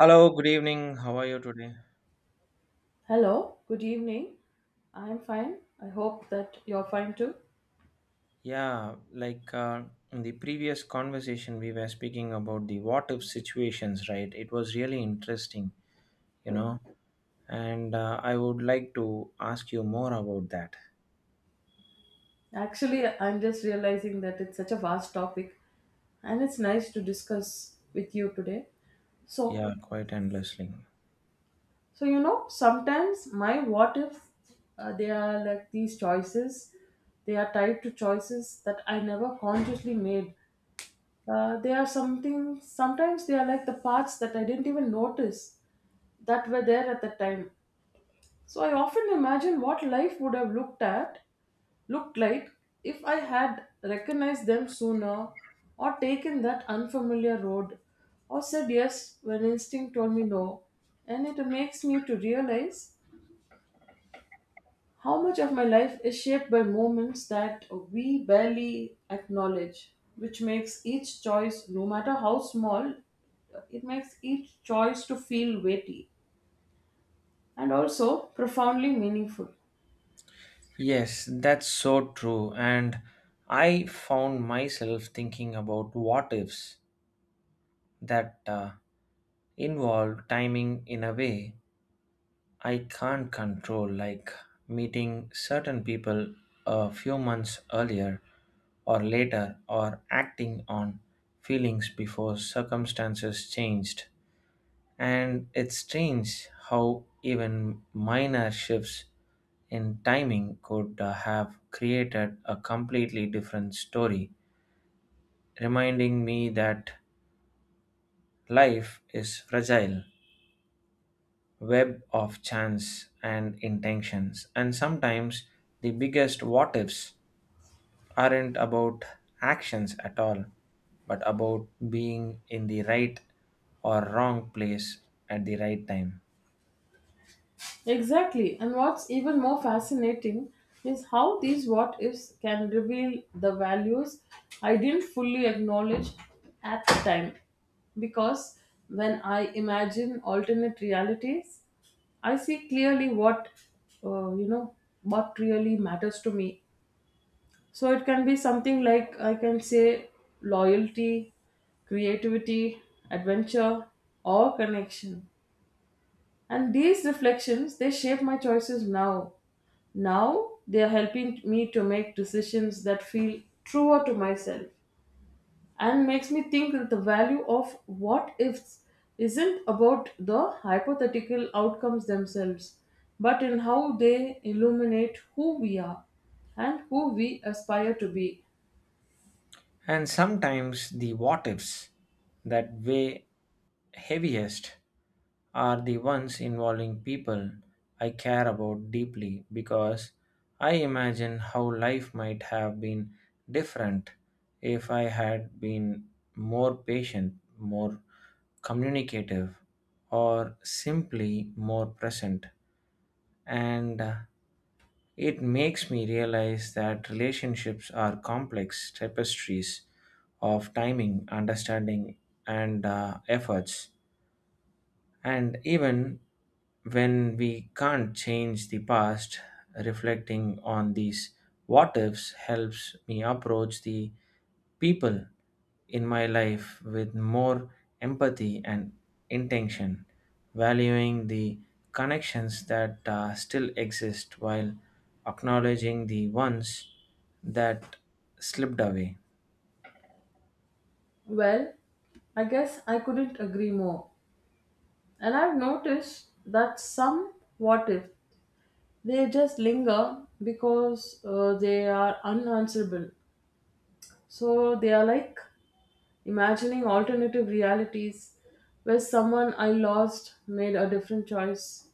Hello, good evening. How are you today? Hello, good evening. I'm fine. I hope that you're fine too. Yeah, like uh, in the previous conversation, we were speaking about the what if situations, right? It was really interesting, you know, and I would like to ask you more about that. Actually, I'm just realizing that it's such a vast topic and it's nice to discuss with you today. So, Yeah, quite endlessly. so, sometimes my what ifs, they are like these choices. They are tied to choices that I never consciously made. Sometimes they are like the parts that I didn't even notice that were there at the time. So I often imagine what life would have looked like if I had recognized them sooner or taken that unfamiliar road or said yes when instinct told me no, and it makes me to realize how much of my life is shaped by moments that we barely acknowledge, which makes each choice no matter how small it makes each choice, to feel weighty, and also profoundly meaningful. Yes, that's so true. And I found myself thinking about what ifs that involve timing in a way I can't control, like meeting certain people a few months earlier or later, or acting on feelings before circumstances changed. And it's strange how even minor shifts in timing could have created a completely different story, reminding me that life is fragile. Web of chance and intentions. And sometimes the biggest what ifs aren't about actions at all, but about being in the right or wrong place at the right time. Exactly. And what's even more fascinating is how these what ifs can reveal the values I didn't fully acknowledge at the time. Because when I imagine alternate realities, I see clearly uh, you know, what really matters to me. So it can be something like, I can say, loyalty, creativity, adventure, or connection. And these reflections, they shape my choices now. Now they are helping me to make decisions that feel truer to myself, and makes me think that the value of what ifs isn't about the hypothetical outcomes themselves, but in how they illuminate who we are and who we aspire to be. And sometimes the what ifs that weigh heaviest are the ones involving people I care about deeply because I imagine how life might have been different if I had been more patient, more communicative, or simply more present. And It makes me realize that relationships are complex tapestries of timing, understanding, and efforts. And even when we can't change the past, reflecting on these what ifs helps me approach the people in my life with more empathy and intention, valuing the connections that still exist while acknowledging the ones that slipped away. Well, I guess I couldn't agree more. And I've noticed that some what ifs they just linger because they are unanswerable. So they are like imagining alternative realities where someone I lost made a different choice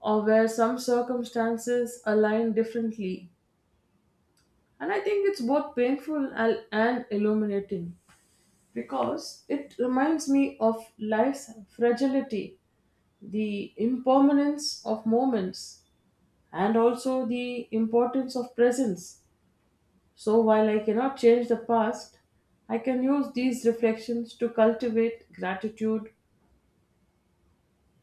or where some circumstances align differently. And I think it's both painful and illuminating because it reminds me of life's fragility, the impermanence of moments, and also the importance of presence. So while I cannot change the past, I can use these reflections to cultivate gratitude,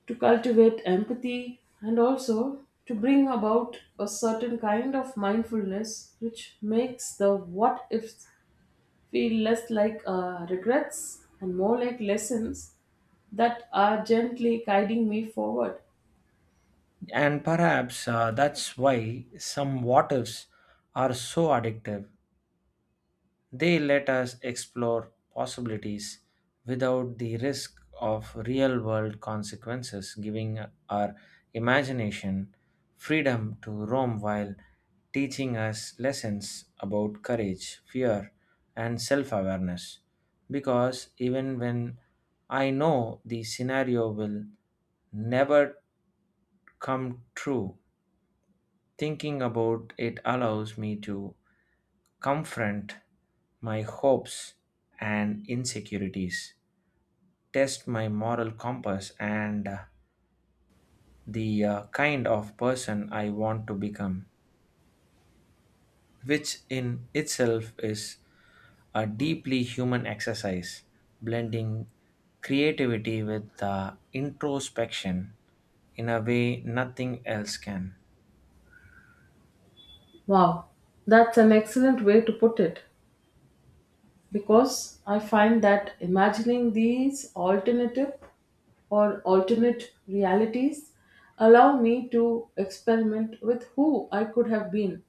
to cultivate empathy, and also to bring about a certain kind of mindfulness, which makes the what ifs feel less like regrets and more like lessons that are gently guiding me forward. And perhaps that's why some what ifs are so addictive. They let us explore possibilities without the risk of real world consequences, giving our imagination freedom to roam while teaching us lessons about courage, fear, and self awareness. Because even when I know the scenario will never come true, thinking about it allows me to confront my hopes and insecurities, test my moral compass, and the kind of person I want to become, which in itself is a deeply human exercise, blending creativity with introspection in a way nothing else can. Wow, that's an excellent way to put it, because I find that imagining these alternative or alternate realities allow me to experiment with who I could have been,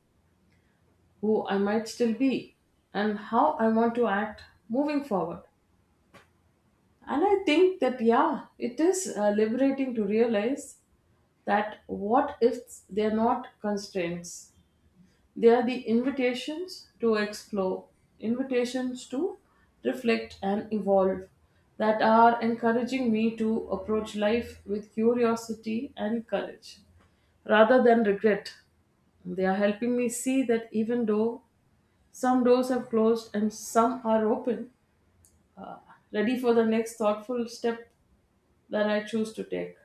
who I might still be, and how I want to act moving forward. And I think that, yeah, it is liberating to realize that what if they're not constraints? They are the invitations to explore, invitations to reflect and evolve, that are encouraging me to approach life with curiosity and courage rather than regret. They are helping me see that even though some doors have closed and some are open, ready for the next thoughtful step that I choose to take.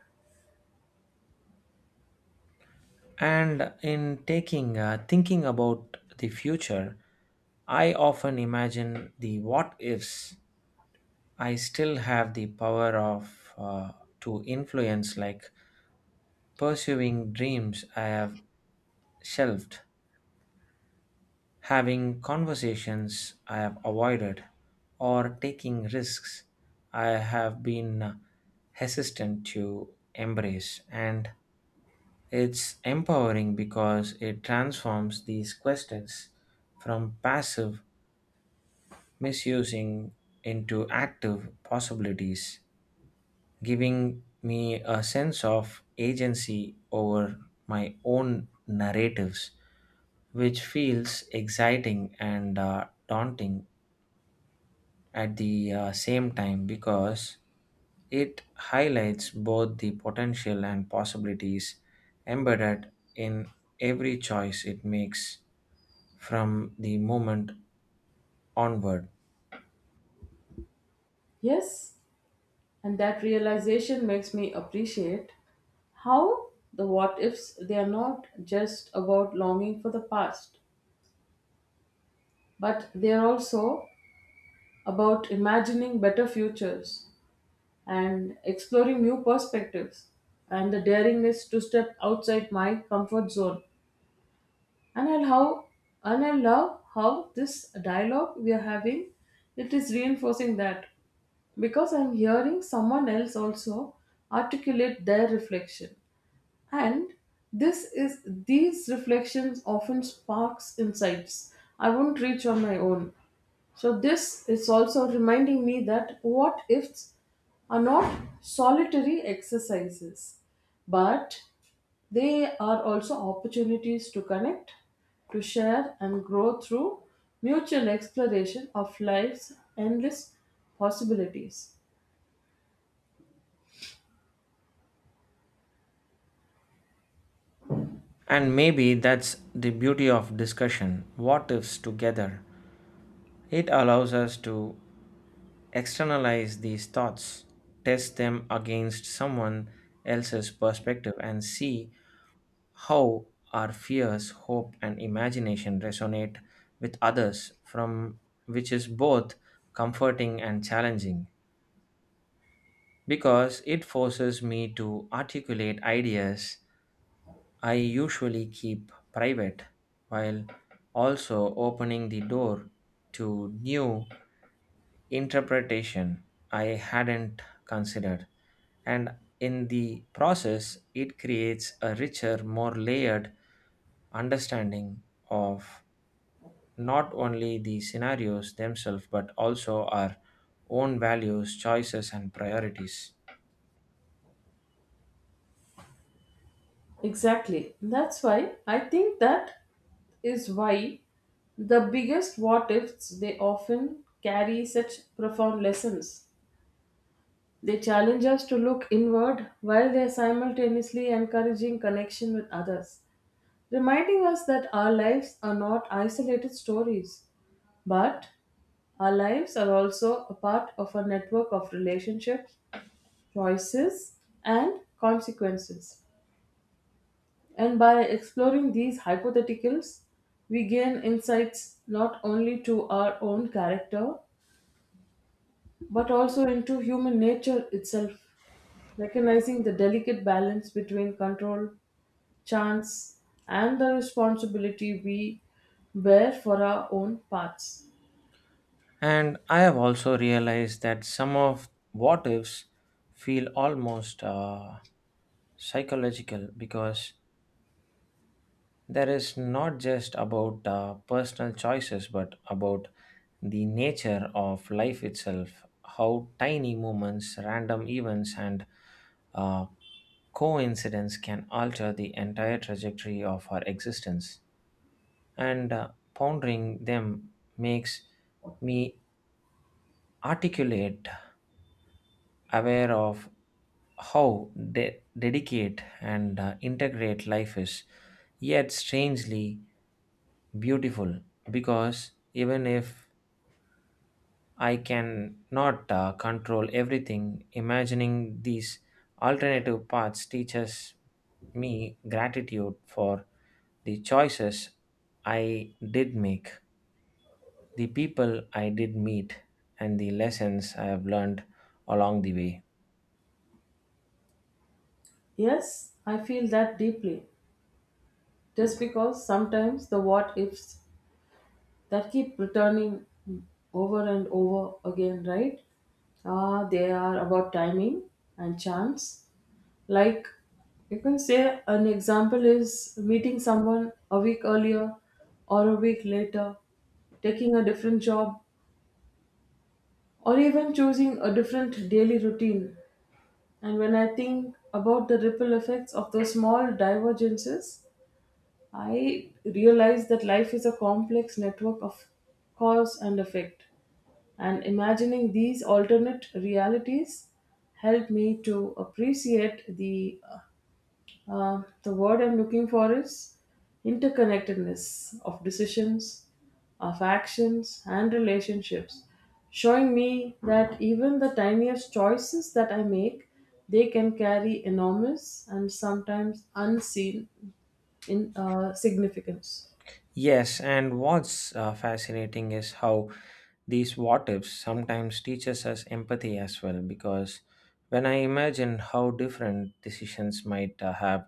And in taking thinking about the future, I often imagine the what ifs I still have the power of to influence, like pursuing dreams I have shelved, having conversations I have avoided, or taking risks I have been hesitant to embrace. And it's empowering because it transforms these questions from passive misusing into active possibilities, giving me a sense of agency over my own narratives, which feels exciting and daunting at the same time because it highlights both the potential and possibilities embedded in every choice it makes from the moment onward. Yes. And that realization makes me appreciate how the what ifs they are not just about longing for the past, but they are also about imagining better futures and exploring new perspectives and the daringness to step outside my comfort zone. And I how and I love how this dialogue we are having, it is reinforcing that, because I'm hearing someone else also articulate their reflection, and this is these reflections often sparks insights I won't reach on my own. So this is also reminding me that what ifs are not solitary exercises, but they are also opportunities to connect, to share and grow through mutual exploration of life's endless possibilities. And maybe that's the beauty of discussion, what ifs together. It allows us to externalize these thoughts, test them against someone else's perspective, and see how our fears, hope, and imagination resonate with others, from which is both comforting and challenging because it forces me to articulate ideas I usually keep private while also opening the door to new interpretation I hadn't considered. And in the process, it creates a richer, more layered understanding of not only the scenarios themselves, but also our own values, choices, and priorities. Exactly. that's why I think that is why The biggest what ifs they often carry such profound lessons. They challenge us to look inward while they are simultaneously encouraging connection with others, reminding us that our lives are not isolated stories, but our lives are also a part of a network of relationships, choices, and consequences. And by exploring these hypotheticals, we gain insights not only to our own character, but also into human nature itself, recognizing the delicate balance between control, chance, and the responsibility we bear for our own paths. And I have also realized that some of what ifs feel almost psychological because there is not just about personal choices, but about the nature of life itself, how tiny moments, random events, and uh, coincidence can alter the entire trajectory of our existence. And Pondering them makes me articulate, aware of how dedicate and integrate life is. Yet, strangely, beautiful because even if I can not control everything, imagining these alternative paths teaches me gratitude for the choices I did make, the people I did meet, and the lessons I have learned along the way. Yes, I feel that deeply, just because sometimes the what ifs that keep returning over and over again, right? Ah, they are about timing and chance. Like, you can say an example is meeting someone a week earlier or a week later, taking a different job, or even choosing a different daily routine. And when I think about the ripple effects of those small divergences, I realized that life is a complex network of cause and effect, and imagining these alternate realities helped me to appreciate the word I'm looking for is interconnectedness of decisions, of actions, and relationships, showing me that even the tiniest choices that I make, they can carry enormous and sometimes unseen in significance. Yes, and what's fascinating is how these what ifs sometimes teaches us empathy as well because when I imagine how different decisions might have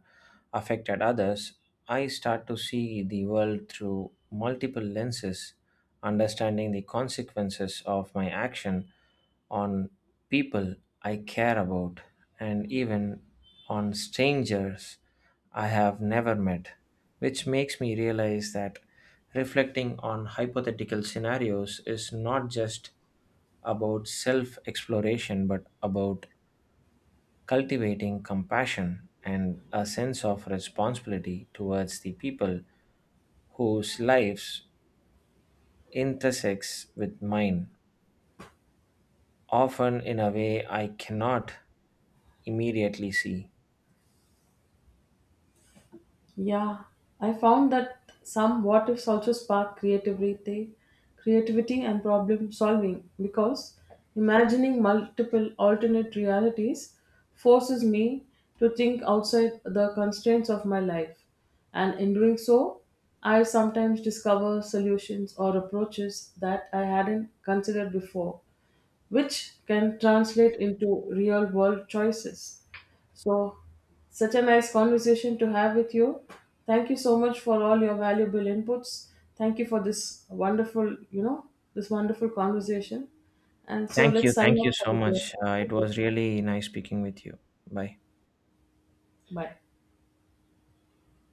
affected others, I start to see the world through multiple lenses, understanding the consequences of my action on people I care about and even on strangers I have never met, which makes me realize that reflecting on hypothetical scenarios is not just about self exploration but about cultivating compassion and a sense of responsibility towards the people whose lives intersects with mine, often in a way I cannot immediately see. Yeah, I found that some what ifs also spark creativity and problem solving because imagining multiple alternate realities forces me to think outside the constraints of my life. And in doing so, I sometimes discover solutions or approaches that I hadn't considered before, which can translate into real world choices. So, such a nice conversation to have with you. Thank you so much for all your valuable inputs. Thank you for this wonderful conversation. And so Thank you. let's sign Thank you off for so the day. much. It Thank you. was really nice speaking with you. Bye. Bye.